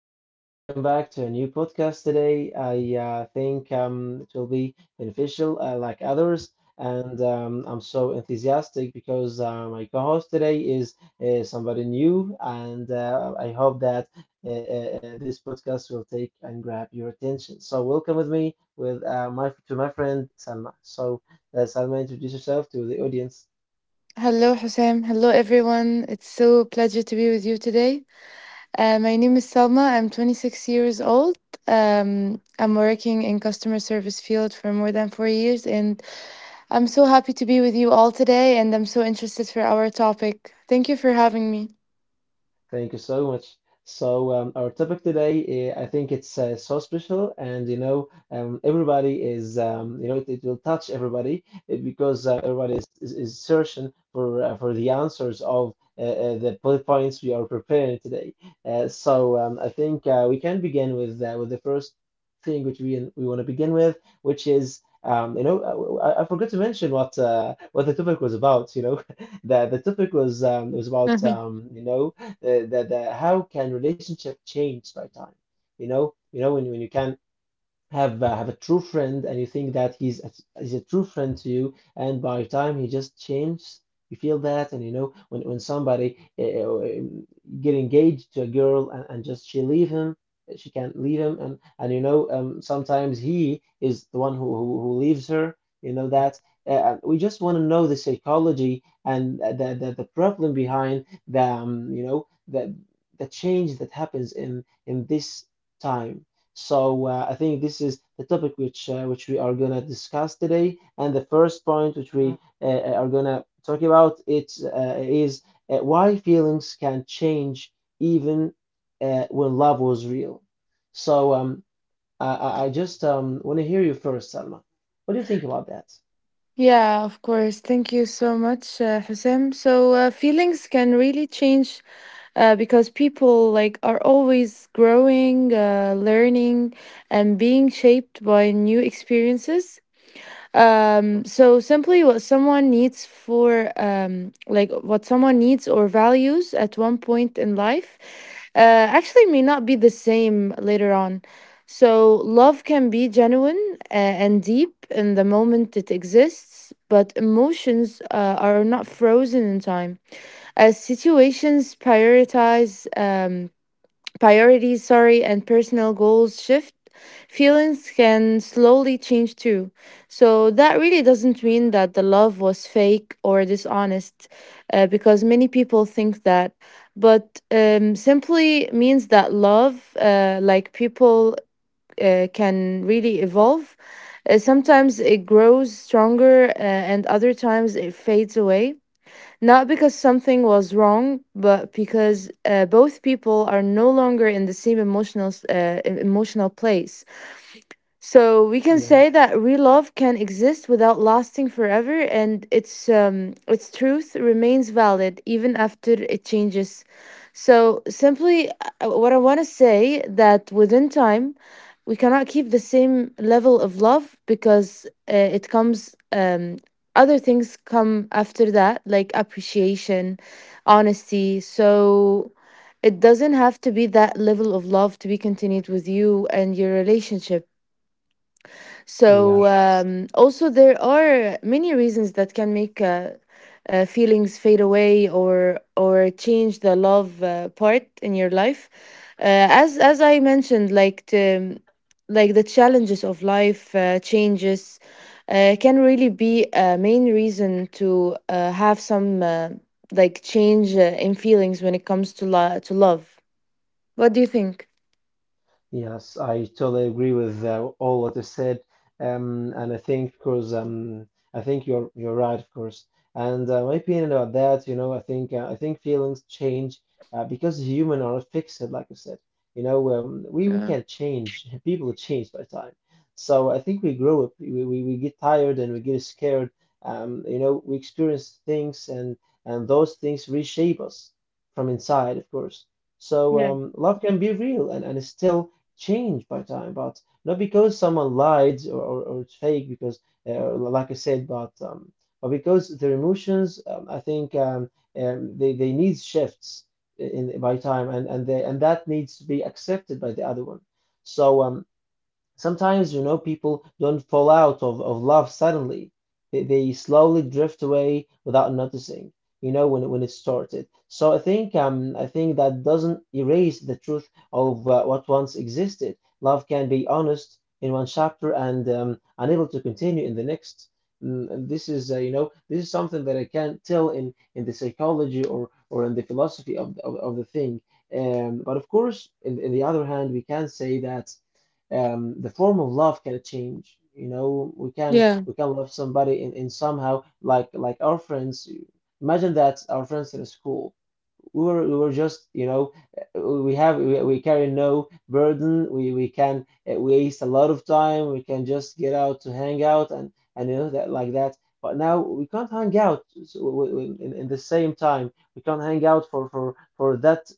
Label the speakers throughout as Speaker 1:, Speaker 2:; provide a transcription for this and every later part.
Speaker 1: everybody. Welcome back to a new podcast today. I think it will be beneficial, like others, and I'm so enthusiastic because my co-host today is somebody new, and I hope that this podcast will take and grab your attention. So, welcome with me with my friend Salma. So, Salma, introduce yourself to the audience.
Speaker 2: Hello, Hussein. Hello, everyone. It's so pleasure to be with you today. My name is Salma. I'm 26 years old. I'm working in customer service field for more than 4 years, and I'm so happy to be with you all today. And I'm so interested for our topic. Thank you for having me.
Speaker 1: Thank you so much. So our topic today, I think it's so special, and everybody is, it will touch everybody because everybody is searching for the answers of the bullet points we are preparing today. I think we can begin with the first thing which we want to begin with, which is. You know, I forgot to mention what the topic was about. You know, the topic was about you know the how can relationship change by time. You know, when you can have a true friend and you think that he's a true friend to you, and by the time he just changes, you feel that. And you know, when somebody get engaged to a girl, and just she leave him, she can't leave him. And you know, sometimes he is the one who who leaves her, you know that. uh, we just want to know the psychology and the, the problem behind the the change that happens in this time. So I think this is the topic which we are gonna discuss today, and the first point which we are gonna talk about it is why feelings can change even when love was real. So um, I just want to hear you first, Salma. What do you think about that?
Speaker 2: Yeah, of course. Thank you so much, Hussein. So, feelings can really change because people like are always growing, learning, and being shaped by new experiences.
Speaker 1: Uh,
Speaker 2: So simply, what someone needs for like what someone needs or values at one point in life, uh, actually may not be the same later on. So love can be genuine and deep in the moment it exists, but emotions are not frozen in time. As situations prioritize priorities, sorry, and personal goals shift, feelings can slowly change too. So that really doesn't mean that the love was fake or dishonest, because many people think that. But simply means that love, like people, can really evolve. Sometimes it grows stronger, and other times it fades away not because something was wrong, but because both people are no longer in the same emotional place. So we can
Speaker 1: Yeah.
Speaker 2: say that real love can exist without lasting forever, and its truth remains valid even after it changes. So simply, what I want to say that within time, we cannot keep the same level of love because it comes. Other things come after that, like appreciation, honesty. So it doesn't have to be that level of love to be continued with you and your relationship, so
Speaker 1: Yes.
Speaker 2: also there are many reasons that can make feelings fade away or change the love part in your life. As I mentioned, like the challenges of life changes can really be a main reason to have some like change in feelings when it comes to to love. What do you think?
Speaker 1: Yes, I totally agree with all what you said, and I think, of course, I think you're right, of course. And my opinion about that, you know, I think feelings change because human are fixed, like you said. You know, um, we can't change. People change by time, so I think we grow up. We get tired and we get scared. You know, we experience things, and those things reshape us from inside, of course. So love can be real and still changed by time, but not because someone lied or it's fake, because like I said, but because their emotions, I think they need shifts in by time, and they and that needs to be accepted by the other one. So sometimes, you know, people don't fall out of love suddenly. They slowly drift away without noticing, you know, when it started. So I think that doesn't erase the truth of what once existed. Love can be honest in one chapter and unable to continue in the next. Mm, and this is you know, this is something that I can't tell in the psychology or in the philosophy of the thing. But of course, in the other hand, we can say that the form of love can change. You know, we can
Speaker 2: Yeah.
Speaker 1: we can love somebody in somehow like our friends. Imagine that our friends in school, we were just, you know, we carry no burden, we can waste a lot of time, we can just get out to hang out. And you know that like that, but now we can't hang out. So, in the same time, we can't hang out for for that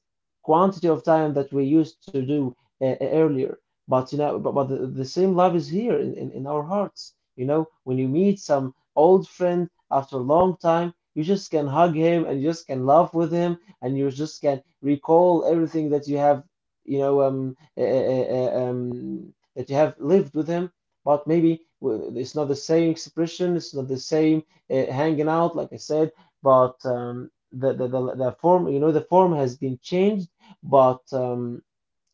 Speaker 1: quantity of time that we used to do uh, earlier. But you know, but the same love is here in our hearts. You know, when you meet some old friend after a long time, you just can hug him and you just can laugh with him and you just can recall everything that you have, you know, that you have lived with him. But maybe it's not the same expression, it's not the same hanging out, like I said. But um, the form, you know, the form has been changed, but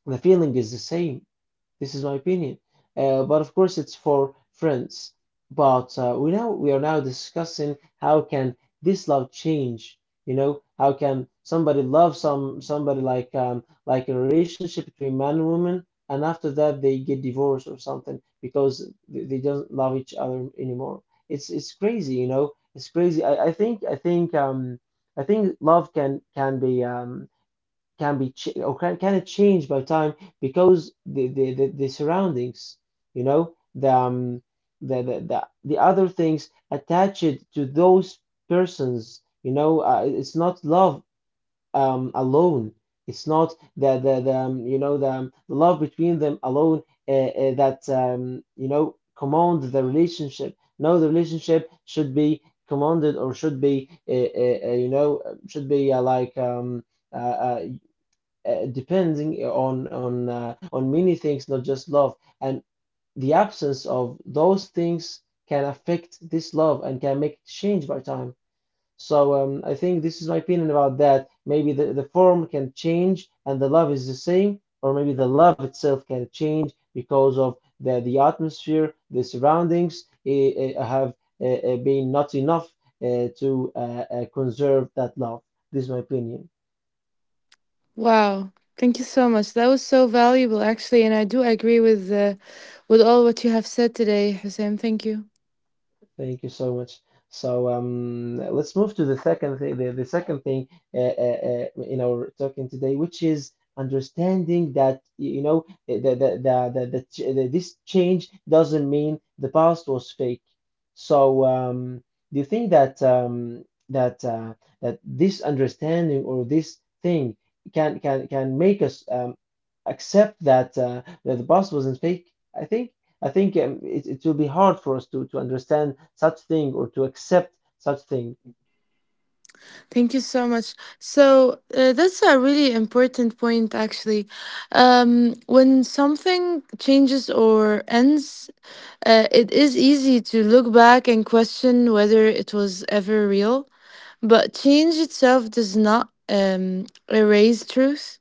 Speaker 1: the feeling is the same. This is my opinion. But of course, it's for friends. But uh, we are now discussing how can this love change? You know, how can somebody love some somebody, like a relationship between man and woman, and after that they get divorced or something because they don't love each other anymore. It's crazy, you know. It's crazy. I think I think I think love can be can it change by time, because the surroundings, you know, the other things attached to those persons, you know, it's not love alone. It's not the love between them alone uh, that you know, command the relationship. No, the relationship should be commanded or should be should be uh, uh, depending on on many things, not just love. And the absence of those things can affect this love and can make it change by time. So I think this is my opinion about that. Maybe the form can change and the love is the same, or maybe the love itself can change because of the atmosphere, the surroundings have been not enough to conserve that love. This is my opinion.
Speaker 2: Wow. Thank you so much. That was so valuable actually, and I do agree with all what you have said today, Hussein. Thank you.
Speaker 1: Thank you so much. So let's move to the second thing, the second thing uh, in our talking today, which is understanding that you know, the, ch- the this change doesn't mean the past was fake. So do you think that that that this understanding or this thing can make us accept that that the past wasn't fake? I think. I think um, it will be hard for us to understand such thing or to accept such thing.
Speaker 2: Thank you so much. So that's a really important point, actually. When something changes or ends, it is easy to look back and question whether it was ever real. But change itself does not erase truth.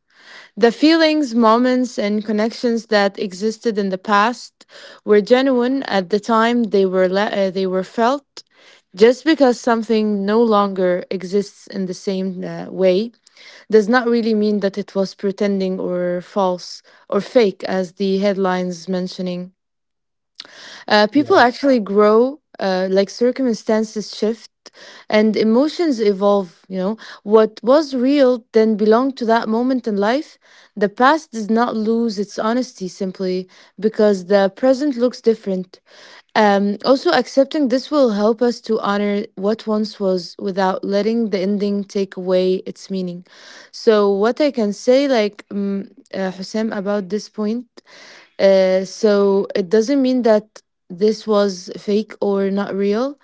Speaker 2: The feelings, moments, and connections that existed in the past were genuine at the time they were they were felt. Just because something no longer exists in the same way does not really mean that it was pretending or false or fake, as the headlines mentioning. People
Speaker 1: Yeah.
Speaker 2: actually grow, like circumstances shift and emotions evolve, you know. What was real then belonged to that moment in life. The past does not lose its honesty simply because the present looks different. Also, accepting this will help us to honor what once was without letting the ending take away its meaning. So, what I can say, Hussein, about this point, so it doesn't mean that this was fake or not real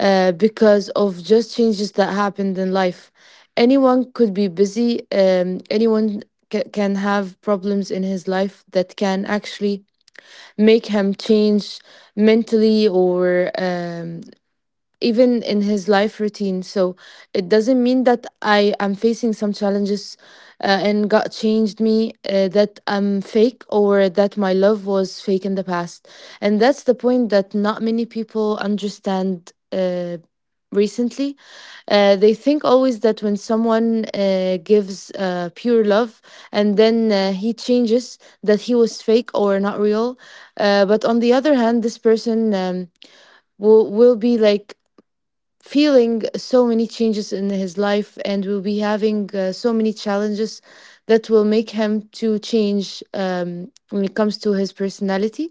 Speaker 2: because of just changes that happened in life. Anyone could be busy, anyone can have problems in his life that can actually make him change mentally or even in his life routine. So it doesn't mean that I am facing some challenges and God changed me, that I'm fake or that my love was fake in the past. And that's the point that not many people understand recently. They think always that when someone gives pure love and then he changes, that he was fake or not real. But on the other hand, this person, um, will be like feeling so many changes in his life and will be having so many challenges that will make him to change when it comes to his personality,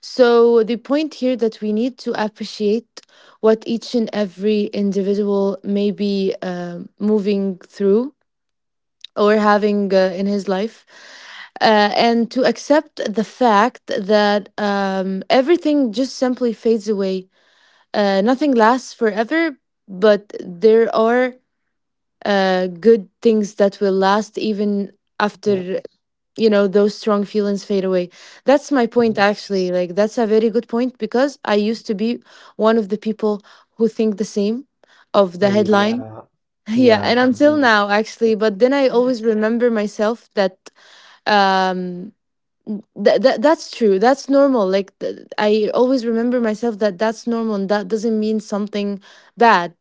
Speaker 2: so the point here that we need to appreciate what each and every individual may be moving through or having in his life, and to accept the fact that everything just simply fades away, nothing lasts forever, but there are good things that will last even
Speaker 1: Yes.
Speaker 2: after, you know, those strong feelings fade away. That's my point,
Speaker 1: Yes.
Speaker 2: actually. Like that's a very good point because I used to be one of the people who think the same of
Speaker 1: Oh,
Speaker 2: the headline.
Speaker 1: yeah.
Speaker 2: Yeah,
Speaker 1: Yeah.
Speaker 2: and until
Speaker 1: Mhm.
Speaker 2: now, actually, but then I always remember myself um that that's true, that's normal, I always remember myself that that's normal and that doesn't mean something bad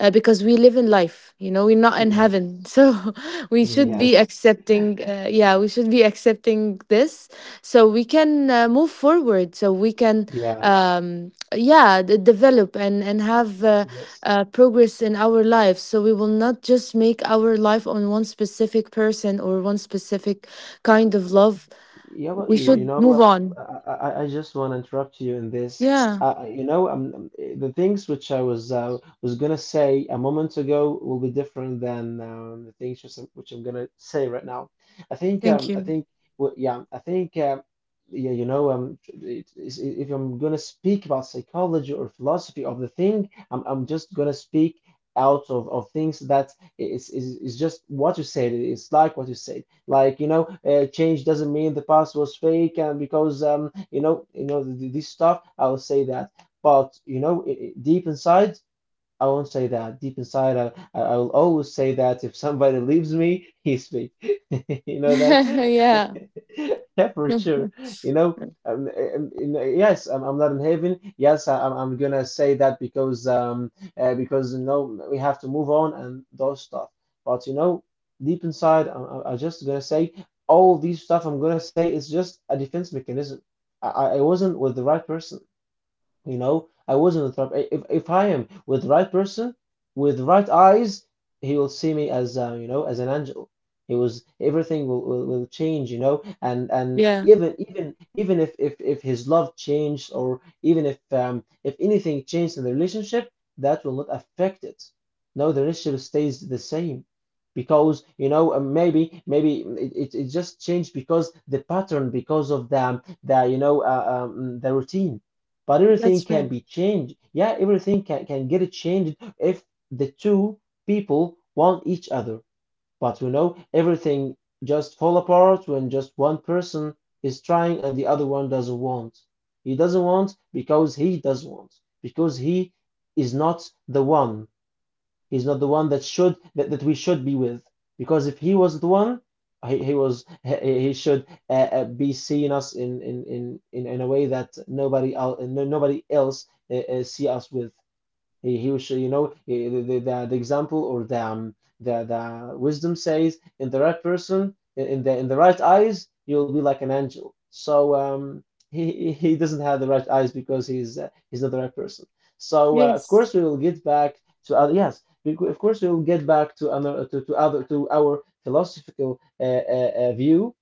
Speaker 2: because we live in life, you know, we're not in
Speaker 1: Yes.
Speaker 2: heaven, so we should
Speaker 1: Yes.
Speaker 2: be accepting yeah, we should be accepting this so we can move forward, so we can
Speaker 1: Yeah.
Speaker 2: develop and have
Speaker 1: Yes.
Speaker 2: progress in our lives, so we will not just make our life on one specific person or one specific kind of love.
Speaker 1: Yeah, well,
Speaker 2: We
Speaker 1: you
Speaker 2: should move
Speaker 1: know,
Speaker 2: on.
Speaker 1: I just want to interrupt you in this.
Speaker 2: Yeah.
Speaker 1: You know, the things which I was gonna say a moment ago will be different than the things which which I'm gonna say right now.
Speaker 2: Thank
Speaker 1: I
Speaker 2: you.
Speaker 1: think, well, yeah, I think, yeah, you know, if I'm gonna speak about psychology or philosophy of the thing, I'm just gonna speak out of things that is is just what you said. It's like what you said. Like, you know, change doesn't mean the past was fake, and because you know, this stuff, I will say that. But you know, deep inside, I won't say that. Deep inside, I will always say that if somebody leaves me, he's me. You know that?
Speaker 2: Yeah.
Speaker 1: Yeah, for sure. You know, you know, yes, I'm not in heaven. Yes, I'm gonna say that because you know, we have to move on and those stuff. But you know, deep inside, I'm just gonna say all these stuff I'm gonna say is just a defense mechanism. I wasn't with the right person. You know, I wasn't with the right. If I am with the right person, with the right eyes, he will see me as you know, as an angel. He was everything will, will change, you know, and
Speaker 2: Yeah.
Speaker 1: even even if if his love changed, or even if anything changed in the relationship, that will not affect it. No, the relationship stays the same because you know, maybe maybe it just changed because the pattern, because of the you know, the routine. But everything
Speaker 2: That's
Speaker 1: can
Speaker 2: right.
Speaker 1: be changed. Yeah, everything can get changed if the two people want each other. But you know, everything just fall apart when just one person is trying and the other one doesn't want. He doesn't want because he doesn't want, because he is not the one. He's not the one that we should be with. Because if he was the one, he should be seeing us in a way that nobody else see us with. He was, you know, the example or the wisdom says, in the right person, in the right eyes, you will be like an angel. He doesn't have the right eyes because he's not the right person. So of
Speaker 2: Yes.
Speaker 1: course we will get back to other. Yes, of course we will get back to another, to our philosophical view,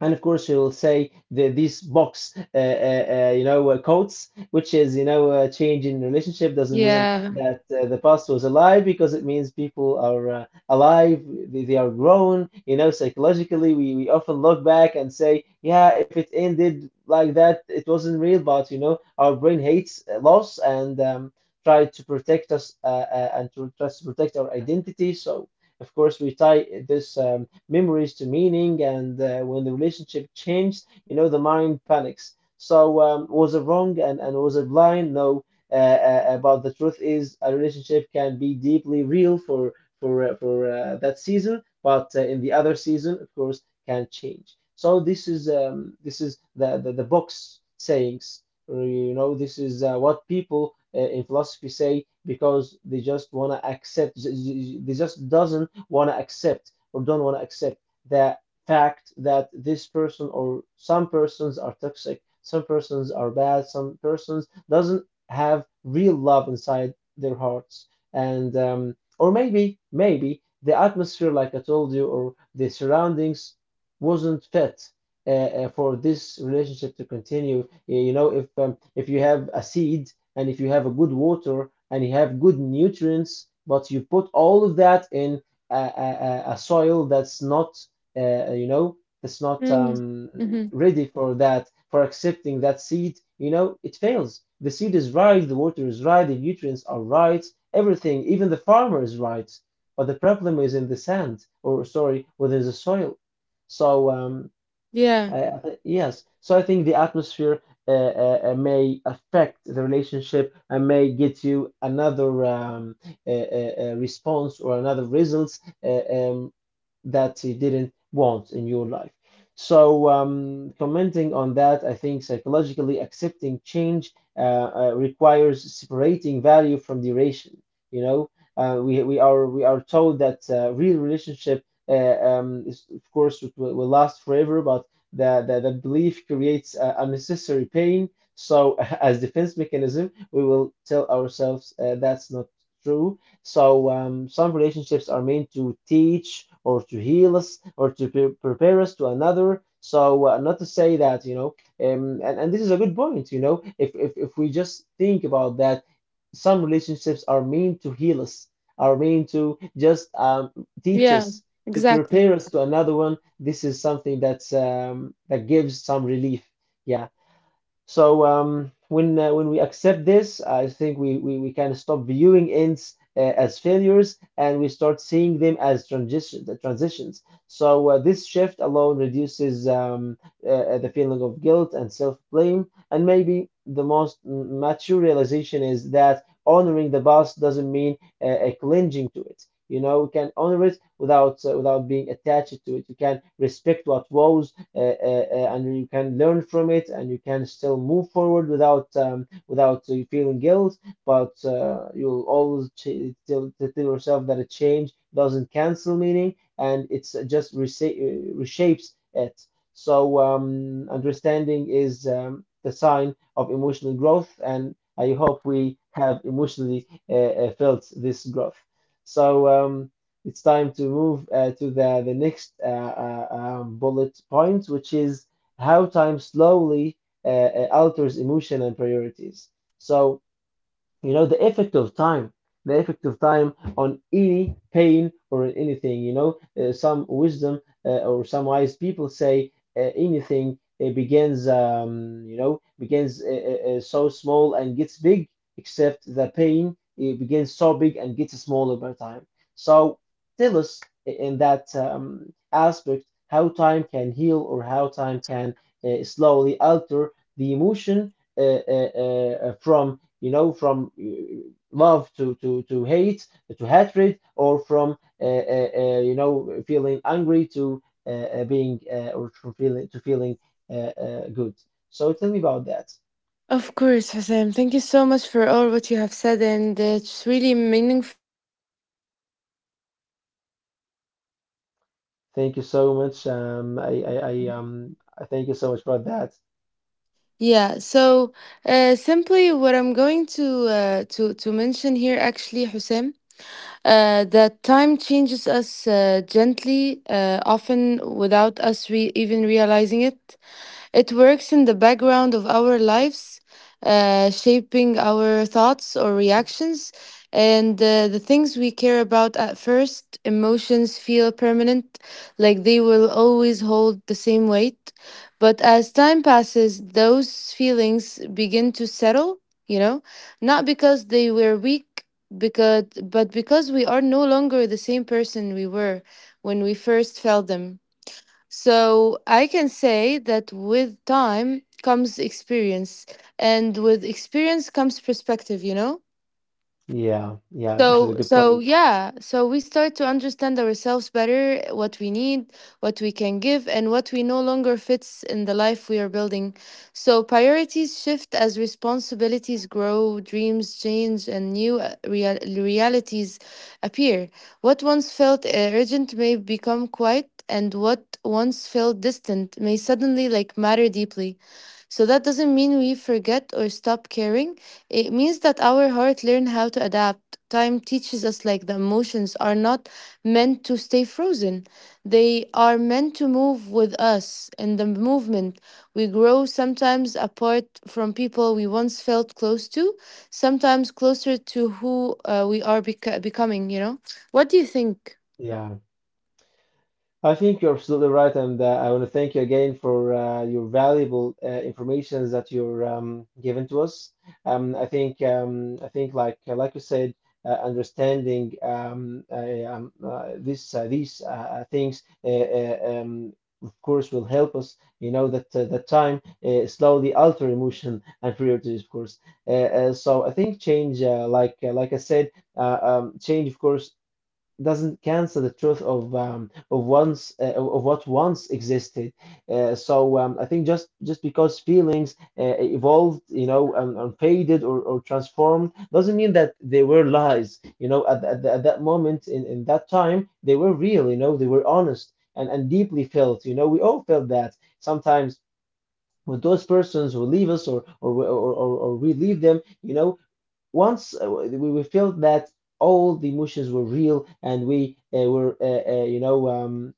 Speaker 1: and of course you will say these box you know quotes, which is, you know, a change in relationship doesn't mean
Speaker 2: Yeah.
Speaker 1: that the past was a lie, because it means people are alive. They are grown. You know, psychologically we often look back and say, yeah, if it ended like that it wasn't real, but you know our brain hates loss, and try to protect us and to tries to protect our identity. So of course we tie this memories to meaning. And when the relationship changed, you know, the mind panics. Was it wrong, and was it blind? No. But the truth is, a relationship can be deeply real for that season, but in the other season, of course, can change. This is the box sayings. You know, this is what people in philosophy say because they just wanna accept. They just doesn't wanna accept or don't want to accept the fact that this person or some persons are toxic, some persons are bad, some persons doesn't have real love inside their hearts, and or maybe the atmosphere, like I told you, or the surroundings wasn't fit. Uh, for this relationship to continue, you know, if you have a seed and if you have a good water and you have good nutrients, but you put all of that in a, a soil that's not, you know, that's not
Speaker 2: Mm-hmm. Mm-hmm.
Speaker 1: ready for that, for accepting that seed, you know, it fails. The seed is right, the water is right, the nutrients are right, everything, even the farmer is right. But the problem is in the sand, or sorry, within the soil. So um,
Speaker 2: Yeah.
Speaker 1: uh, yes, so I think the atmosphere may affect the relationship and may get you another response or another results. That you didn't want in your life. So, commenting on that, I think psychologically accepting change requires separating value from duration. You know, we are told that real relationship, is, of course, it will last forever, but the belief creates unnecessary pain. So, as defense mechanism, we will tell ourselves that's not true. Some relationships are meant to teach or to heal us or to prepare us to another. So not to say that, you know, and this is a good point, you know, if we just think about that, some relationships are meant to heal us, are meant to just teach
Speaker 2: Yeah.
Speaker 1: us, to
Speaker 2: Exactly.
Speaker 1: prepare us to another one. This is something that gives some relief. Yeah. When we accept this, I think we kind of stop viewing ends as failures and we start seeing them as transitions. So this shift alone reduces the feeling of guilt and self blame, and maybe the most mature realization is that honoring the past doesn't mean clinging to it. You know, we can honor it without without being attached to it. You can respect what was and you can learn from it and you can still move forward without without feeling guilt, but you'll always tell yourself that a change doesn't cancel meaning, and it's just reshapes it. Understanding is the sign of emotional growth, and I hope we have emotionally felt this growth. so um, it's time to move to the next bullet point, which is how time slowly uh, alters emotion and priorities. So you know the effect of time, the effect of time on any pain or on anything, you know, some wisdom or some wise people say, anything begins, you know, begins so small and gets big, except the pain: it begins so big and gets smaller by time. So tell us in that aspect, how time can heal or how time can slowly alter the emotion uh, from, you know, from love to, to hate, to hatred, or from, you know, feeling angry to being, or from feeling, to feeling good. So tell me about that.
Speaker 2: Of course, Hussein. Thank you so much for all what you have said and
Speaker 1: Thank you so much. I thank you so much for that.
Speaker 3: Yeah, so simply what I'm going to to mention here actually, Hussein, that time changes us gently, often without us re even realizing it. It works in the background of our lives, shaping our thoughts or reactions. And The things we care about at first, emotions feel permanent, like they will always hold the same weight. But as time passes, those feelings begin to settle, you know, not because they were weak, but because we are no longer the same person we were when we first felt them. So I can say that with time comes experience, and with experience comes perspective, you know?
Speaker 1: Yeah, this is a
Speaker 3: So,
Speaker 1: good
Speaker 3: so
Speaker 1: point.
Speaker 3: yeah, so we start to understand ourselves better, what we need, what we can give, and what we no longer fits in the life we are building. So priorities shift as responsibilities grow, dreams change, and new realities appear. What once felt urgent may become quiet, and what once felt distant may suddenly like matter deeply. So that doesn't mean we forget or stop caring. It means that our heart learn how to adapt. Time teaches us like the emotions are not meant to stay frozen. They are meant to move with us in the movement. We grow sometimes apart from people we once felt close to, sometimes closer to who we are becoming, you know? What do you think?
Speaker 1: Yeah. I think you're absolutely right, and I want to thank you again for your valuable information that you're giving to us. I think like you said, understanding this these things, of course, will help us. You know that that time slowly alter emotion and priorities, of course. Uh, so I think change, like like I said, change, of course, doesn't cancel the truth of once of what once existed. I think just because feelings evolved, you know, and faded or transformed, doesn't mean that they were lies. You know, at that moment in that time, they were real. You know, they were honest and deeply felt. You know, we all felt that sometimes. With those persons who leave us, or we leave them, you know, once we felt that all the emotions were real, and we were you know,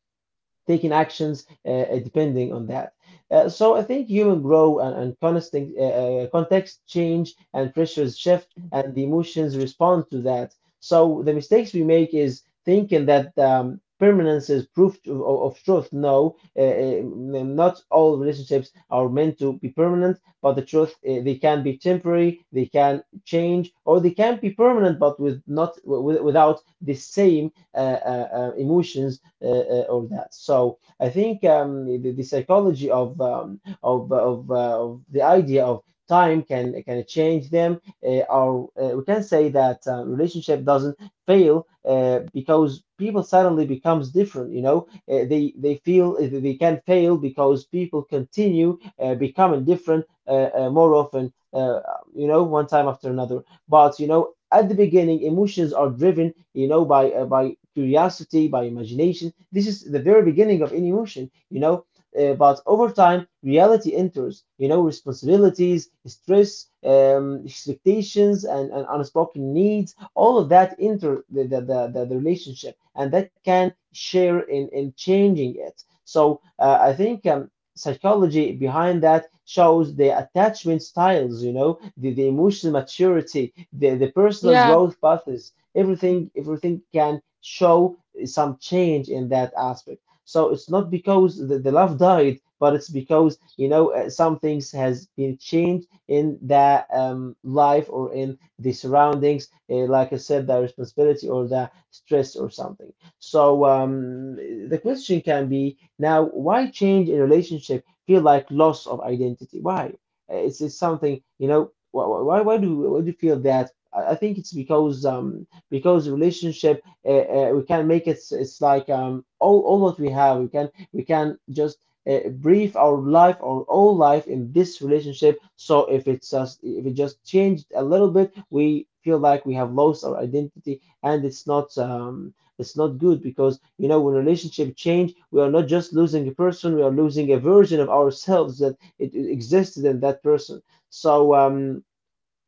Speaker 1: taking actions depending on that. So I think human grow, and constant, context change and pressures shift, and the emotions respond to that. So the mistakes we make is thinking that permanence is proof to, of truth. No, not all relationships are meant to be permanent, but the truth, they can be temporary, they can change, or they can be permanent, but with not without the same emotions or that. So I think the psychology of the idea of time can change them. Or we can say that relationship doesn't fail because people suddenly becomes different. You know, they feel they can fail because people continue becoming different more often. You know, one time after another. But you know, at the beginning emotions are driven, you know, by curiosity, by imagination. This is the very beginning of any emotion, you know, but over time reality enters, you know, responsibilities, stress, expectations, and unspoken needs, all of that enter the relationship, and that can share in changing it. So I think psychology behind that shows the attachment styles, you know, the emotional maturity, the personal
Speaker 3: Yeah.
Speaker 1: growth paths, everything, everything can show some change in that aspect. So it's not because the love died, but it's because, you know, some things has been changed in the life or in the surroundings, like I said, the responsibility or the stress or something. So um, the question can be now, why change in relationship feel like loss of identity? Why? It's something, you know, why do you feel that? I think it's because relationship, we can make it's like all what we have, we can just brief our life, our whole life in this relationship. So if it just changed a little bit, we feel like we have lost our identity, and it's not good because, you know, when relationship change, we are not just losing a person, we are losing a version of ourselves that it existed in that person. So um,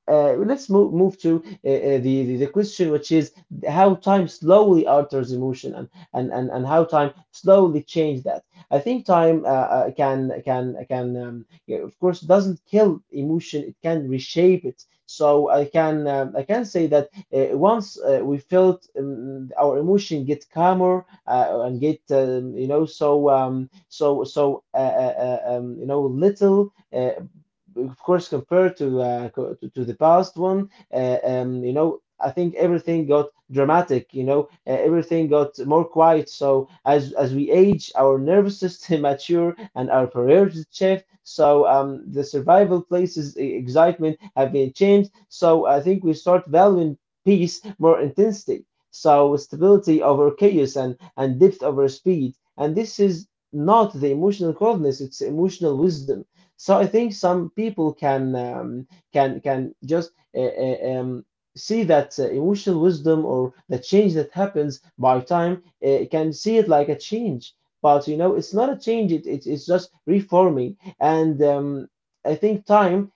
Speaker 1: uh, let's move to the question, which is how time slowly alters emotion, and how time slowly change that. I think time can yeah, of course doesn't kill emotion; it can reshape it. So I can say that once we felt, our emotion get calmer and get so little. Of course, compared to to the past one, I think everything got dramatic. Everything got more quiet. So as we age, our nervous system mature and our priorities shift. So the survival places excitement have been changed. So I think we start valuing peace more intensely. So stability over chaos, and depth over speed. And this is not the emotional coldness; it's emotional wisdom. So I think some people can just see that emotional wisdom, or the change that happens by time, can see it like a change. But, you know, it's not a change. It's just reforming. And I think time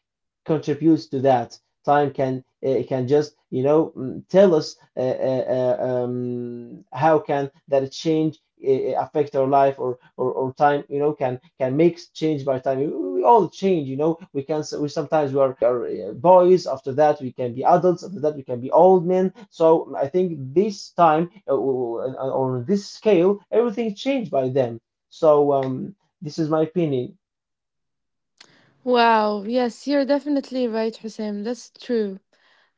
Speaker 1: contributes to that. Time can it can just tell us how can that change affect our life, or time, you know, can make change by time. All change, you know. We can we Sometimes we are boys, after that we can be adults, after that we can be old men. So I think this time on this scale everything changed by them. So this is my opinion.
Speaker 3: Wow, yes, you're definitely right, Hussein. That's true.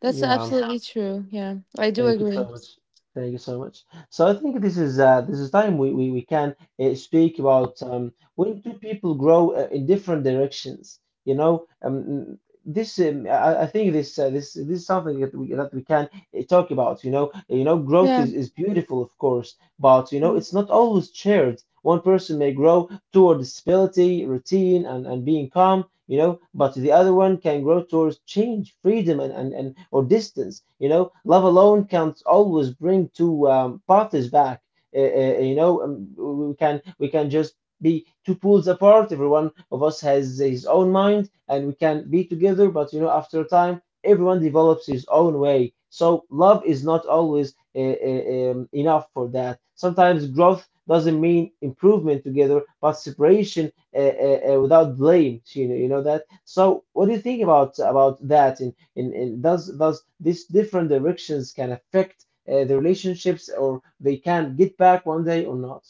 Speaker 3: That's
Speaker 1: Yeah.
Speaker 3: absolutely true. Yeah, I do
Speaker 1: Thank you
Speaker 3: agree.
Speaker 1: so much. Thank you so much. So I think this is time we can speak about, when do people grow in different directions? You know, this I think this is something that we can talk about. Growth
Speaker 3: Yeah.
Speaker 1: is beautiful, of course, but, you know,
Speaker 3: Mm.
Speaker 1: it's not always shared. One person may grow toward stability, routine, and being calm, you know, but the other one can grow towards change, freedom, and or distance. You know, love alone can not always bring two parties back. uh, uh, you know um, we can just be two pools apart. Every one of us has his own mind, and we can be together, but you know, after a time, everyone develops his own way. So love is not always enough for that. Sometimes growth doesn't mean improvement together, but separation without blame. You know that. So, what do you think about that? And in does these different directions can affect the relationships, or they can get back one day or not?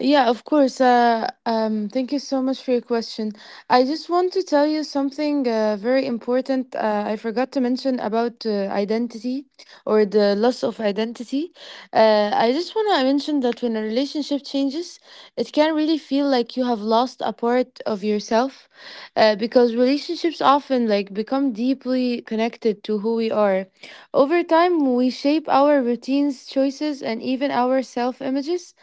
Speaker 3: Yeah, of course. Thank you so much for your question. I just want to tell you something very important. I forgot to mention about identity or the loss of identity. I just want to mention that when a relationship changes, it can really feel like you have lost a part of yourself, because relationships often like become deeply connected to who we are. Over time, we shape our routines, choices, and even our self images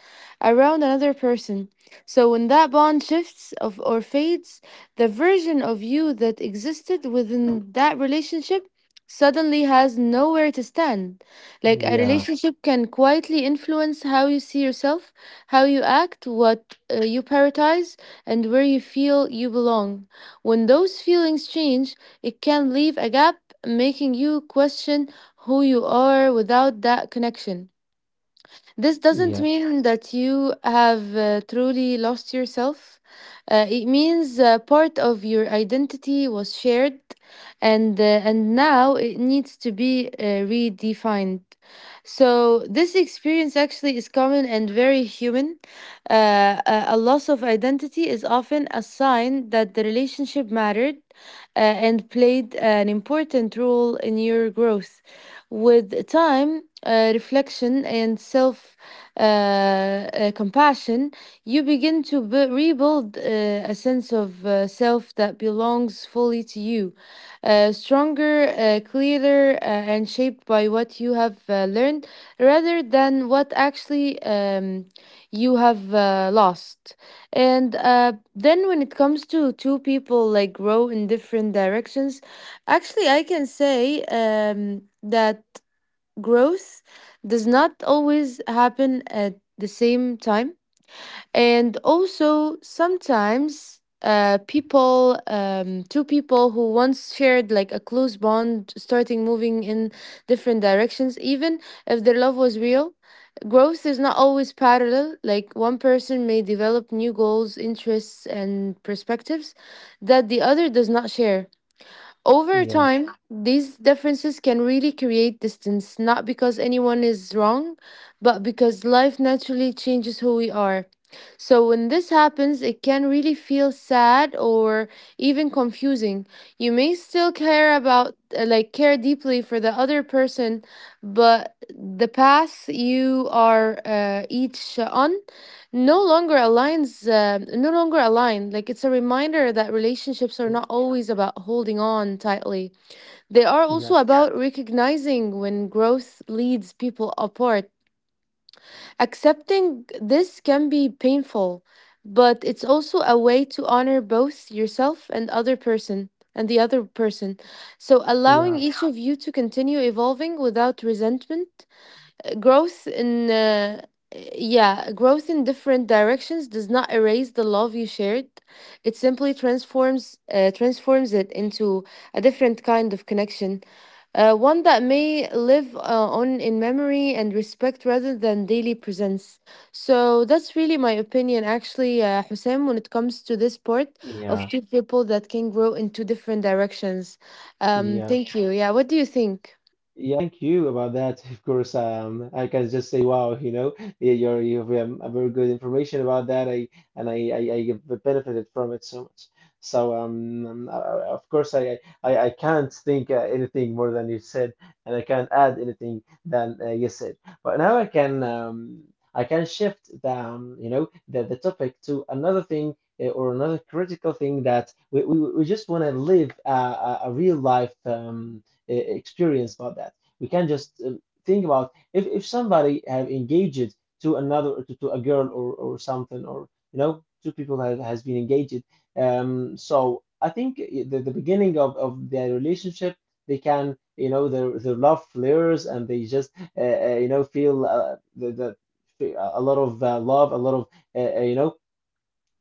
Speaker 3: around another person. So when that bond shifts, or fades, the version of you that existed within that relationship suddenly has nowhere to stand. Like a
Speaker 1: Yeah,
Speaker 3: relationship can quietly influence how you see yourself, how you act, what you prioritize, and where you feel you belong. When those feelings change, it can leave a gap, making you question who you are without that connection. This doesn't
Speaker 1: yes,
Speaker 3: mean that you have truly lost yourself. It means part of your identity was shared, and now it needs to be redefined. So this experience actually is common and very human. A loss of identity is often a sign that the relationship mattered and played an important role in your growth. With time, reflection, and self- compassion, you begin to bu rebuild a sense of self that belongs fully to you, stronger, clearer, and shaped by what you have learned rather than what actually you have lost. And Then when it comes to two people like grow in different directions, actually, I can say that growth does not always happen at the same time, and also sometimes people two people who once shared like a close bond starting moving in different directions, even if their love was real. Growth is not always parallel, like one person may develop new goals, interests, and perspectives that the other does not share. Over
Speaker 1: yeah,
Speaker 3: time, these differences can really create distance, not because anyone is wrong, but because life naturally changes who we are. So when this happens, it can really feel sad or even confusing. You may still care about, like, care deeply for the other person, but the path you are each on no longer aligned, like it's a reminder that relationships are
Speaker 1: yeah,
Speaker 3: not always about holding on tightly. They are also
Speaker 1: yes,
Speaker 3: about recognizing when growth leads people apart. Accepting this can be painful, but it's also a way to honor both yourself and the other person, so allowing
Speaker 1: yeah,
Speaker 3: each of you to continue evolving without resentment. Growth in uh, yeah growth in different directions does not erase the love you shared. It simply transforms it into a different kind of connection, one that may live on in memory and respect rather than daily presence. So that's really my opinion actually, Hussein, when it comes to this part of
Speaker 1: yeah,
Speaker 3: two people that can grow in two different directions.
Speaker 1: yeah.
Speaker 3: Thank you. Yeah, what do you think?
Speaker 1: Yeah, thank you about that. Of course, I can just say, wow, you know, yeah, you have a very good information about that. I And I have benefited from it so much. So of course, I can't think anything more than you said, and I can't add anything than you said. But now I can shift the the topic to another thing. Or another critical thing that we just want to live a real life experience about that. We can just think about, if somebody have engaged to another, to a girl, or something, or you know, two people have has been engaged. So I think the beginning of their relationship, they can you know, their love flares, and they just uh, feel the a lot of love, a lot of uh, uh, you know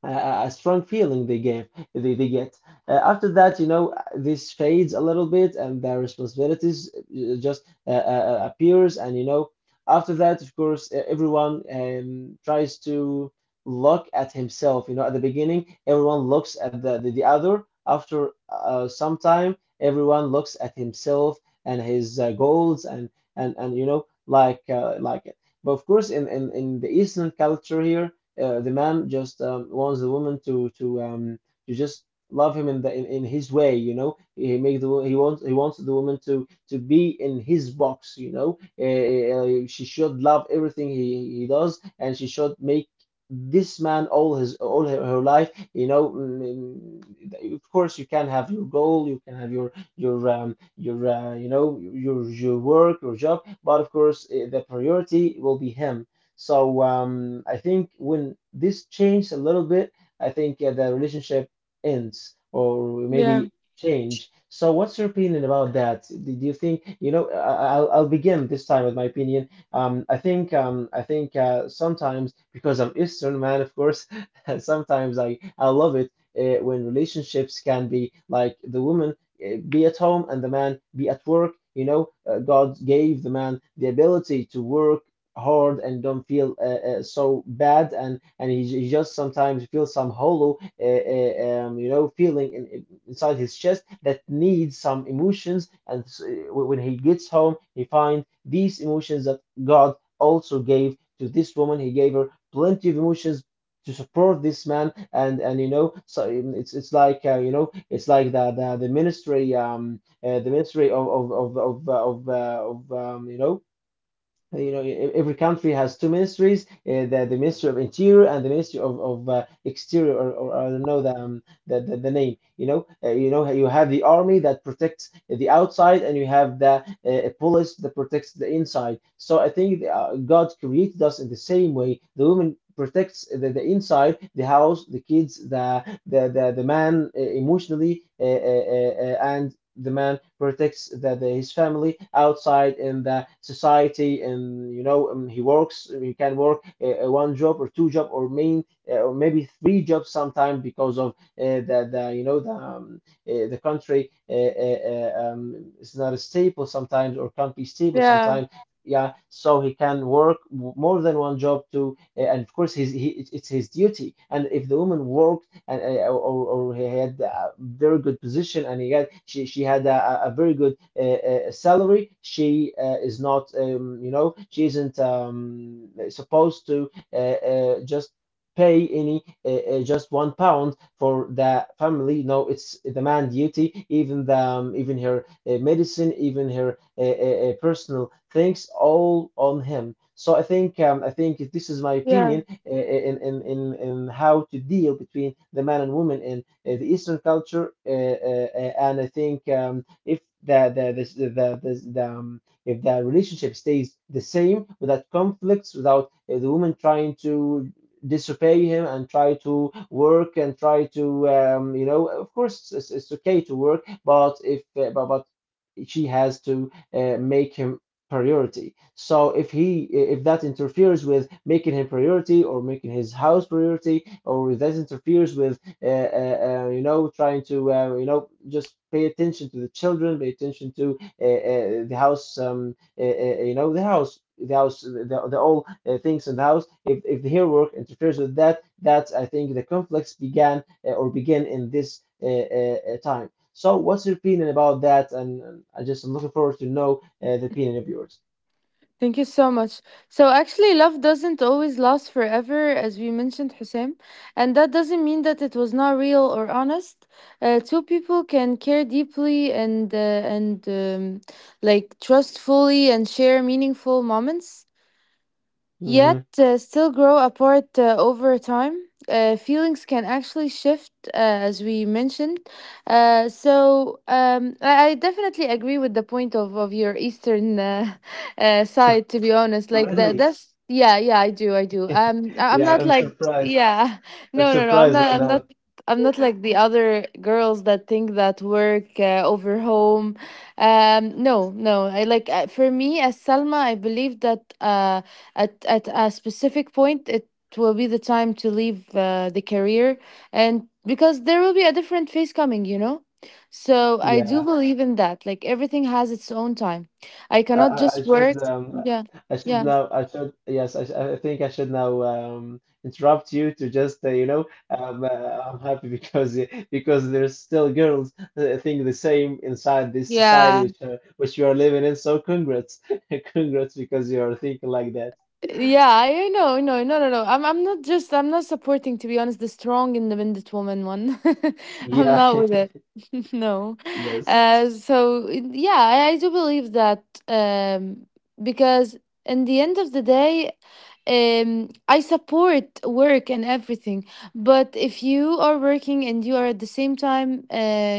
Speaker 1: a strong feeling they get. After that, you know, this fades a little bit, and their responsibilities just appears. And you know, after that, of course, everyone tries to look at himself, you know. At the beginning, everyone looks at the other. After some time, everyone looks at himself and his goals, and you know, like it. But of course, in the Eastern culture here, the man just wants the woman to just love him in his way. You know, he make the wo- he wants the woman to be in his box, you know. She should love everything he does, and she should make this man all her life, you know. Of course, you can have your goal, you can have your your work, your job, but of course, the priority will be him. So I think when this changed a little bit, I think the relationship ends or
Speaker 3: Yeah,
Speaker 1: maybe change. So what's your opinion about that? Do you think, you know, I'll begin this time with my opinion. I think sometimes, because I'm Eastern man, of course, sometimes I love it when relationships can be like the woman be at home and the man be at work. God gave the man the ability to work hard and don't feel so bad, and he just sometimes feels some hollow feeling inside his chest, that needs some emotions. When he gets home, he finds these emotions that God also gave to this woman. He gave her plenty of emotions to support this man. And you know so It's like, it's like the ministry, the ministry of of you know every country has two ministries, the ministry of interior and the ministry of exterior, or, I don't know the, the name, you know. You have the army that protects the outside, and you have the police that protects the inside. So I think God created us in the same way. The woman protects the inside, the house, the kids, the man emotionally, and the man protects his family outside in the society. And you know, he can work one job or two job, or main or maybe three jobs sometimes, because of the you know the country is not stable sometimes, or can't be stable
Speaker 3: yeah,
Speaker 1: sometimes. Yeah. So he can work more than one job too. And of course, it's his duty. And if the woman works and or he had a very good position, and he had she had a very good salary, she is not you know she isn't supposed to just pay any just £1 for the family. No, it's the man duty, even the even her medicine, even her personal things, all on him. So I think I think this is my
Speaker 3: yeah.
Speaker 1: opinion, in how to deal between the man and woman in the Eastern culture. And I think, if the the this- the, if the relationship stays the same without conflicts, without the woman trying to disobey him, and try to work, and try to, of course it's okay to work, but if but she has to make him priority. So if that interferes with making him priority, or making his house priority, or if that interferes with trying to, just pay attention to the children, pay attention to the house, the house. The house, the all things in the house. If the hair work interferes with that, that's I think the conflicts began or begin in this time. So, what's your opinion about that? And I just am looking forward to know as a opinion of yours.
Speaker 3: Thank you so much. So, actually, love doesn't always last forever, as we mentioned, Hussein. And that doesn't mean that it was not real or honest. Two people can care deeply and like, trust fully and share meaningful moments yet
Speaker 1: Hmm.
Speaker 3: still grow apart over time. Feelings can actually shift, as we mentioned. So I definitely agree with the point of your Eastern side. To be honest, like that.
Speaker 1: Really?
Speaker 3: That's yeah, yeah. I do, I do. I'm
Speaker 1: Yeah,
Speaker 3: not
Speaker 1: I'm
Speaker 3: like
Speaker 1: surprised.
Speaker 3: yeah.
Speaker 1: I'm
Speaker 3: No, no, no. I'm
Speaker 1: surprised
Speaker 3: not.
Speaker 1: right
Speaker 3: I'm not.
Speaker 1: now.
Speaker 3: I'm not like the other girls that think that work over home. No, no. I like for me as Salma, I believe that at a specific point it will be the time to leave the career, and because there will be a different phase coming, you know. So I do
Speaker 1: Yeah,
Speaker 3: believe in that, like everything has its own time. I
Speaker 1: I,
Speaker 3: cannot
Speaker 1: I, I
Speaker 3: just
Speaker 1: should
Speaker 3: work. Yeah,
Speaker 1: I should
Speaker 3: yeah,
Speaker 1: now. I should, yes. I think I should now interrupt you to just I'm happy because there's still girls that think the same inside this society
Speaker 3: yeah.
Speaker 1: which you are living in. So congrats, congrats because you are thinking like that.
Speaker 3: Yeah, I know, no, no, no, no. I'm not just, I'm not supporting, to be honest, the strong, independent woman one. I'm
Speaker 1: Yeah.
Speaker 3: not with it. No.
Speaker 1: Yes.
Speaker 3: So yeah, I do believe that because in the end of the day, I support work and everything. But if you are working and you are at the same time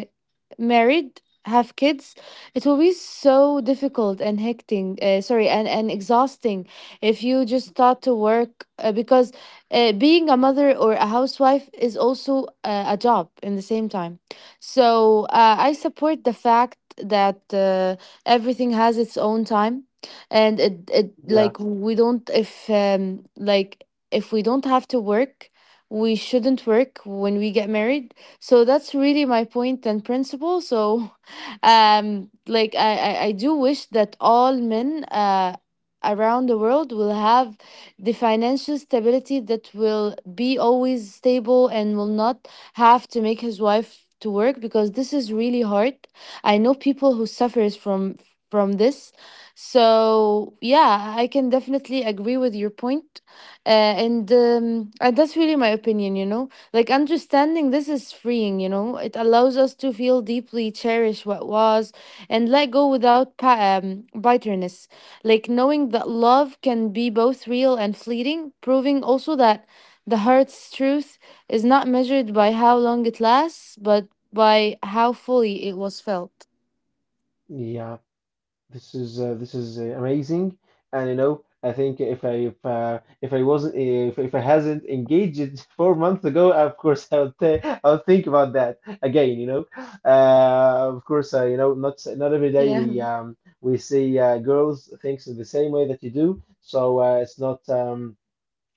Speaker 3: married, have kids, it will be so difficult and hectic, sorry, and exhausting if you just start to work because being a mother or a housewife is also a job in the same time. So I support the fact that everything has its own time, it like
Speaker 1: Yeah.
Speaker 3: we don't if like if we don't have to work, we shouldn't work when we get married. So that's really my point and principle. So like I do wish that all men around the world will have the financial stability that will be always stable and will not have to make his wife to work, because this is really hard. I know people who suffers from this. So yeah, I can definitely agree with your point, and that's really my opinion, you know. Like understanding this is freeing, you know. It allows us to feel deeply, cherish what was, and let go without bitterness. Like knowing that love can be both real and fleeting, proving also that the heart's truth is not measured by how long it lasts, but by how fully it was felt.
Speaker 1: Yeah. This is amazing, and you know, I think if I wasn't, if I hasn't engaged 4 months ago, of course I would think about that again. You know, of course, you know, not every day
Speaker 3: Yeah.
Speaker 1: we see girls thinks the same way that you do, so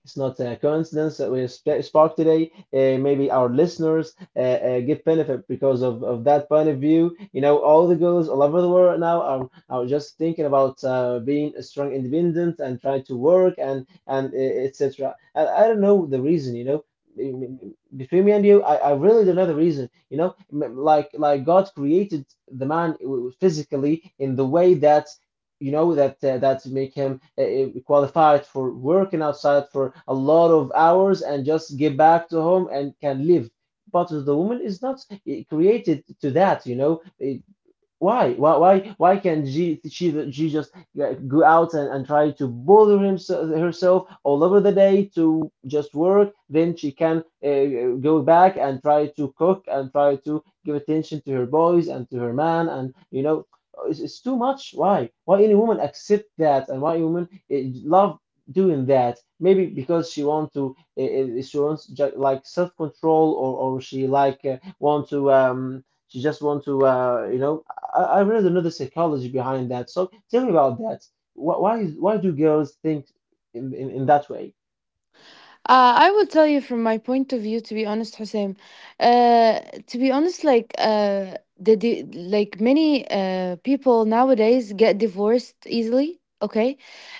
Speaker 1: it's not a coincidence that we sp sparked today. Maybe our listeners give benefit because of that point of view. You know, all the girls all over the world right now are just thinking about being a strong independent and trying to work and etc. I don't know the reason. You know, between me and you, I really don't know the reason. You know, like God created the man physically in the way that you know that that make him qualified for working outside for a lot of hours and just get back to home and can live, but the woman is not created to that, you know. Why? Why? Why? Why can't she just go out and try to bother himself herself all over the day to just work? Then she can go back and try to cook and try to give attention to her boys and to her man, and you know it's too much. Why? Why any woman accept that, and why any woman love doing that? Maybe because she want to she wants like self control, or she like want to she just want to. I really don't know the psychology behind that. So tell me about that. Why do girls think in that way?
Speaker 3: I will tell you from my point of view, to be honest, Hussein. Uh, to be honest, like the like many people nowadays get divorced easily. Okay,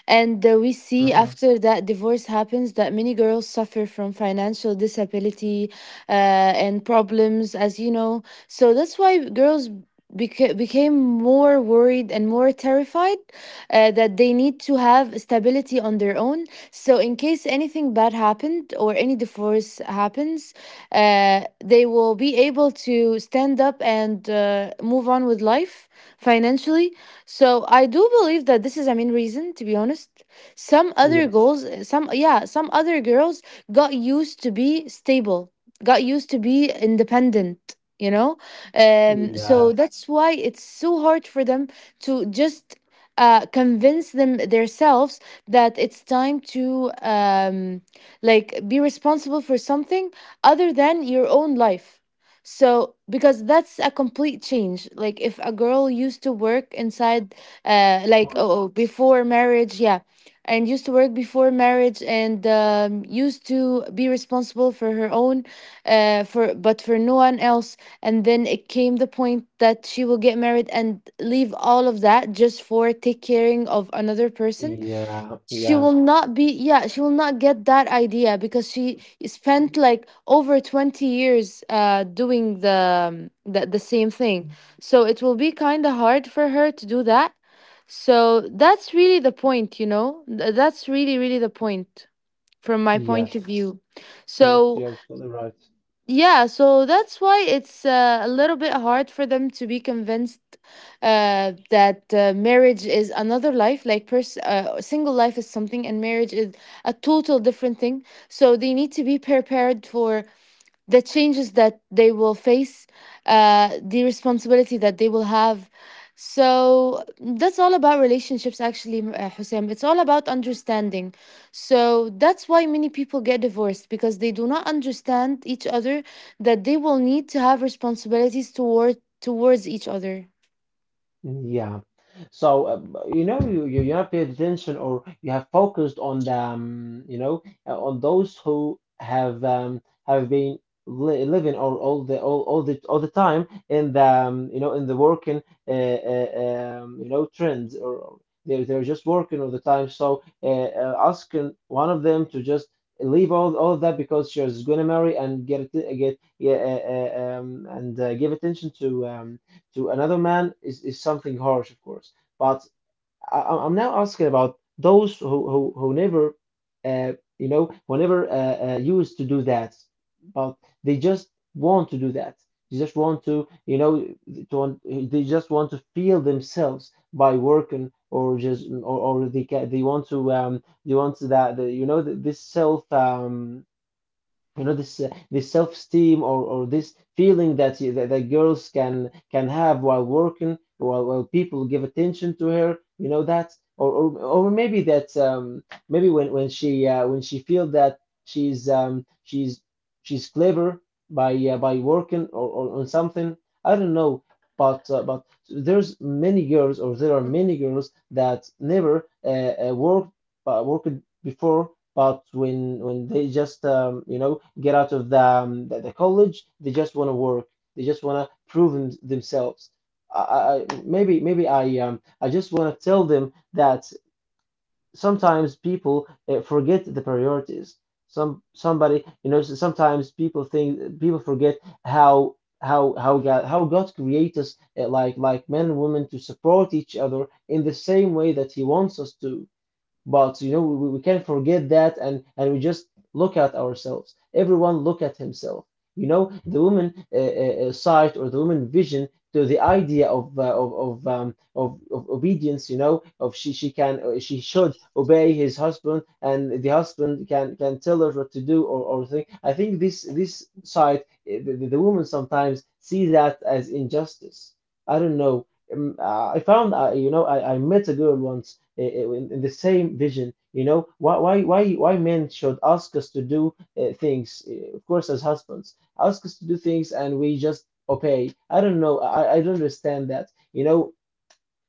Speaker 3: and we see
Speaker 1: Hmm.
Speaker 3: after that divorce happens that many girls suffer from financial disability and problems, as you know. So that's why girls. Became more worried and more terrified that they need to have stability on their own, so in case anything bad happened or any divorce happens, they will be able to stand up and move on with life financially. So, I do believe that this is a main reason, to be honest. Some other
Speaker 1: Yeah,
Speaker 3: goals, some, yeah, some other girls got used to be stable, got used to be independent. You know, so
Speaker 1: yeah,
Speaker 3: that's why it's so hard for them to just convince themselves that it's time to like be responsible for something other than your own life. So, because that's a complete change. Like, if a girl used to work inside,
Speaker 1: of course.
Speaker 3: before marriage, yeah, and used to work before marriage and used to be responsible for her own, for no one else, and then it came the point that she will get married and leave all of that just for take caring of another person.
Speaker 1: Yeah, yeah,
Speaker 3: She will not get that idea because she spent like over 20 years doing the same thing, so it will be kind of hard for her to do that. So that's really the point, you know. That's really really the point, from my point
Speaker 1: yes,
Speaker 3: of view.
Speaker 1: yes,
Speaker 3: So
Speaker 1: you're absolutely right.
Speaker 3: yeah, so that's why it's a little bit hard for them to be convinced that marriage is another life. Like, single life is something, and marriage is a total different thing. So they need to be prepared for the changes that they will face, the responsibility that they will have. So that's all about relationships, actually, Hussein. It's all about understanding. So that's why many people get divorced because they do not understand each other, that they will need to have responsibilities toward towards each other.
Speaker 1: Yeah. So, you know, you you have paid attention, or you have focused on the, you know, on those who have been li living all, all the time in the you know in the working uh, uh, you know trends, or they're just working all the time. So, asking one of them to just leave all of that because she's gonna marry and get it, get yeah and give attention to another man is something harsh, of course. But am now asking about those who never, uh, you know, who never used to do that, but they just want to do that. They just want to, you know, they just want to feel themselves by working, or just or they want to they want that the, you know th this self you know this this self-esteem, or this feeling that, you, that that girls can have while working, while people give attention to her, you know that, or maybe that maybe when she feel that she's um she's she's clever by working, or on something. I don't know, but there's many girls, or there are many girls that never worked uh, worked before, but when they just get out of the college, they just want to work. They just want to prove themselves. I maybe, maybe I just want to tell them that sometimes people forget the priorities. Some somebody you know s- sometimes people forget how God creates us like men and women to support each other in the same way that He wants us to. But you know, we can not forget that, and we just look at ourselves. Everyone look at himself. You know, the woman sight, or the woman vision to the idea of of obedience. You know, of she can she should obey his husband, and the husband can tell her what to do, or thing. I think this side, the woman sometimes see that as injustice. I don't know. I found, you know, I met a girl once in the same vision. You know, why men should ask us to do things? Uh, of course, as husbands, ask us to do things, and we just obey. I don't know. I don't understand that. You know,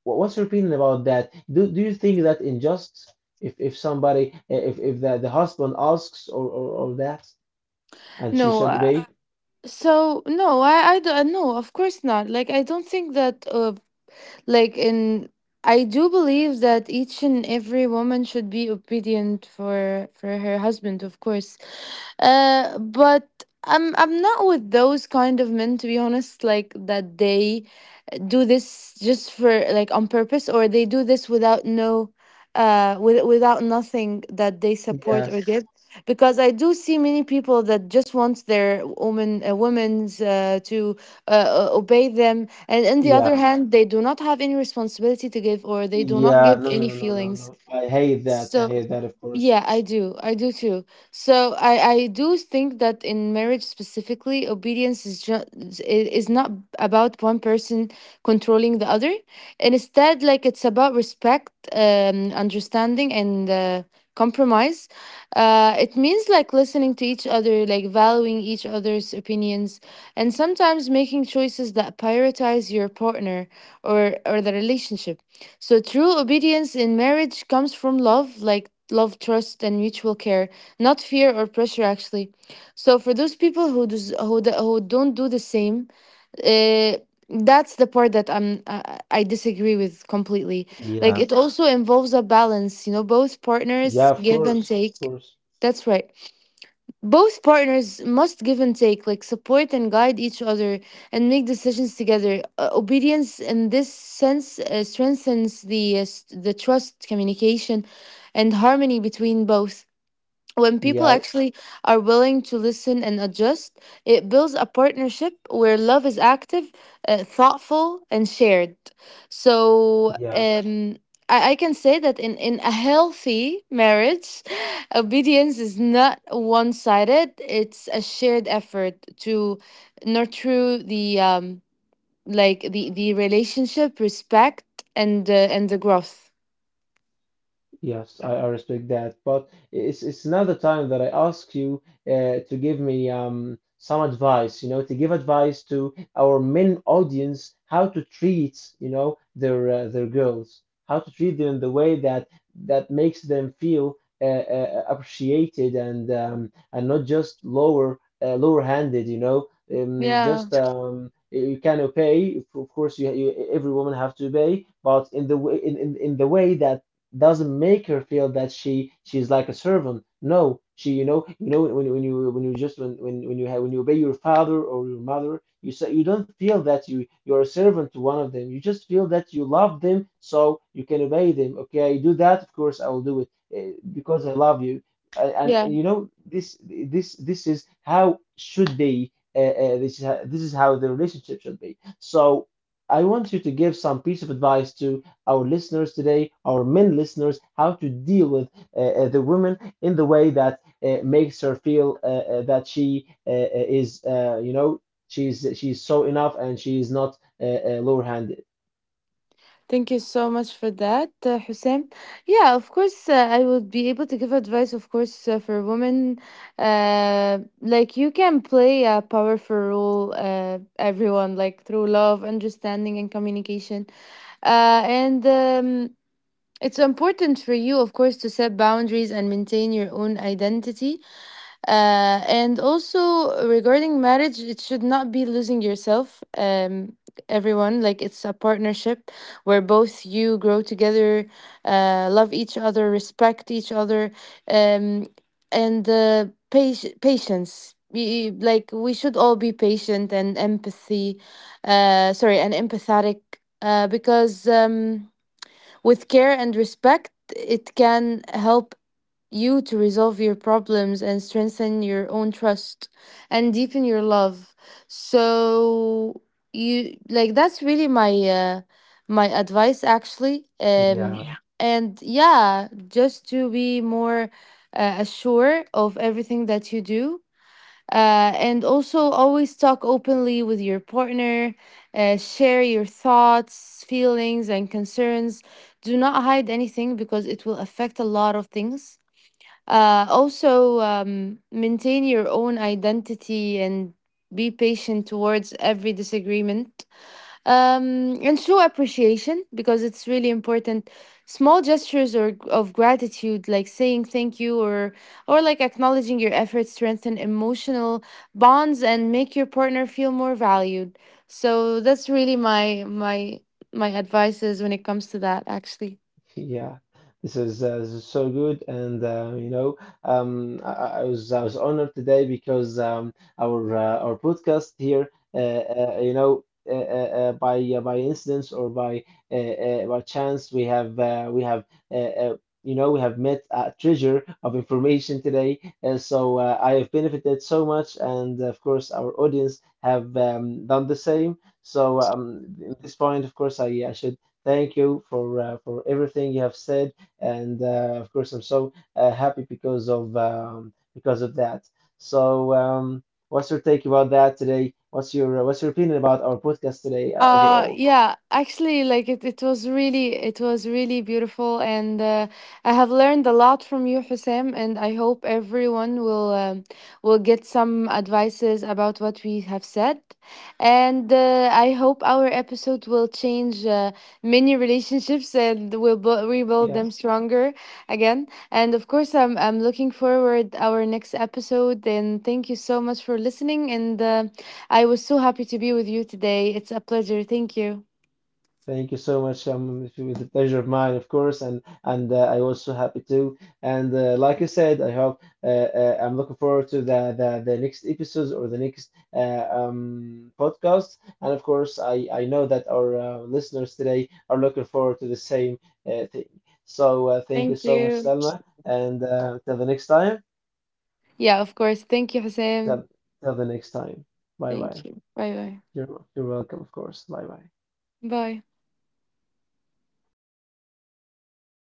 Speaker 1: what's your opinion about that? Do you think that unjust if if the, the husband asks, or that, and she
Speaker 3: No,
Speaker 1: should obey?
Speaker 3: no, I don't, no, of course not. Like I don't think that Like in I do believe that each and every woman should be obedient for her husband, of course. But I'm not with those kind of men, to be honest, like that they do this just for like on purpose, or they do this without no with, without nothing that they support or
Speaker 1: Yes.
Speaker 3: give, because I do see many people that just want their woman women's to obey them, and on the other
Speaker 1: Yeah.
Speaker 3: hand they do not have any responsibility to give, or they do not
Speaker 1: Yeah.
Speaker 3: give
Speaker 1: No. No.
Speaker 3: any
Speaker 1: No. No. No.
Speaker 3: feelings.
Speaker 1: No. I hate that. I
Speaker 3: So
Speaker 1: hate that. Of course.
Speaker 3: yeah, I do. I do too. So I do think that in marriage specifically, obedience is just is not about one person controlling the other. And instead, like, it's about respect, understanding, and compromise. It means like listening to each other, like valuing each other's opinions, and sometimes making choices that prioritize your partner, or the relationship. So true obedience in marriage comes from love. Like love, trust, and mutual care, not fear or pressure, actually. So for those people who who don't do the same, uh, that's the part that I disagree with completely. Like,
Speaker 1: Yeah,
Speaker 3: it also involves a balance, you know, both
Speaker 1: yeah,
Speaker 3: partners
Speaker 1: of
Speaker 3: give and
Speaker 1: course, of
Speaker 3: take.
Speaker 1: course.
Speaker 3: That's right. Both partners must give and take, like support and guide each other and make decisions together. Obedience in this sense strengthens the the trust, communication, and harmony between both, when people
Speaker 1: Yeah,
Speaker 3: actually are willing to listen and adjust. It builds a partnership where love is active, thoughtful, and shared. So,
Speaker 1: yeah.
Speaker 3: I can say that in a healthy marriage, obedience is not one sided, it's a shared effort to nurture the relationship, respect, and the growth.
Speaker 1: Yes, I respect that, but it's not the time that I ask you to give me some advice, you know, to give advice to our main audience how to treat, you know, their girls, how to treat them in the way that that makes them feel uh, appreciated, and not just lower, lower handed, you know,
Speaker 3: Yeah.
Speaker 1: just you can obey. Of course, you every woman have to obey, but in the way in the way that doesn't make her feel that she's like a servant. No, she, you know when you just when you have when you obey your father or your mother, you say you don't feel that you're a servant to one of them. You just feel that you love them, so you can obey them. Okay, I do that. Of course, I will do it, because I love you.
Speaker 3: Yeah.
Speaker 1: And you know this is how should be. This is how the relationship should be. So I want you to give some piece of advice to our listeners today, our men listeners, how to deal with the woman in the way that makes her feel that she you know, she's so enough, and she is not lower-handed.
Speaker 3: Thank you so much for that, Hussein. Yeah, of course, I would be able to give advice, of course, for women. Like, you can play a powerful role, everyone, like, through love, understanding, and communication. And It's important for you, of course, to set boundaries and maintain your own identity, and also regarding marriage, it should not be losing yourself. Everyone, like, it's a partnership where both you grow together, love each other, respect each other, um, patience. We, like, we should all be patient and empathy, sorry, and empathetic, because with care and respect, it can help you to resolve your problems and strengthen your own trust and deepen your love. So you, like, that's really my my advice, actually.
Speaker 1: Yeah.
Speaker 3: Yeah. And yeah, just to be more assured of everything that you do, and also always talk openly with your partner, share your thoughts, feelings and concerns. Do not hide anything, because it will affect a lot of things. Maintain your own identity and be patient towards every disagreement. And show appreciation, because it's really important. Small gestures or of gratitude, like saying thank you, or like acknowledging your efforts, strengthen emotional bonds and make your partner feel more valued. So that's really my advice is when it comes to that. Actually.
Speaker 1: Yeah, this is so good, and you know, I was, I was honored today because our podcast here, by incidents, or by chance, we have uh, uh, you know we have met a treasure of information today. So I have benefited so much, and of course our audience have done the same. So at this point, of course, I should thank you for everything you have said, and of course I'm so happy because of that. So, what's your take about that today? What's your opinion about our podcast today overall?
Speaker 3: Yeah, actually, like it was really beautiful, and I have learned a lot from you, Hussein, and I hope everyone will get some advices about what we have said. And I hope our episode will change many relationships and will rebuild them
Speaker 1: Yeah.
Speaker 3: stronger again. And of course I'm looking forward our next episode. And thank you so much for listening, and I was so happy to be with you today. It's a pleasure. Thank you.
Speaker 1: Thank you so much. It was a pleasure of mine, of course, and I was so happy too. And like I said, I hope I'm looking forward to the next episodes, or the next podcast. And of course, I know that our listeners today are looking forward to the same thing. So thank you
Speaker 3: Thank
Speaker 1: so much,
Speaker 3: you.
Speaker 1: Selma, and till the next time.
Speaker 3: Yeah, of course. Thank you, Hussein.
Speaker 1: Till, till the next time. Bye
Speaker 3: Thank
Speaker 1: bye.
Speaker 3: you. Bye bye.
Speaker 1: You're welcome, of course. Bye bye.
Speaker 3: Bye.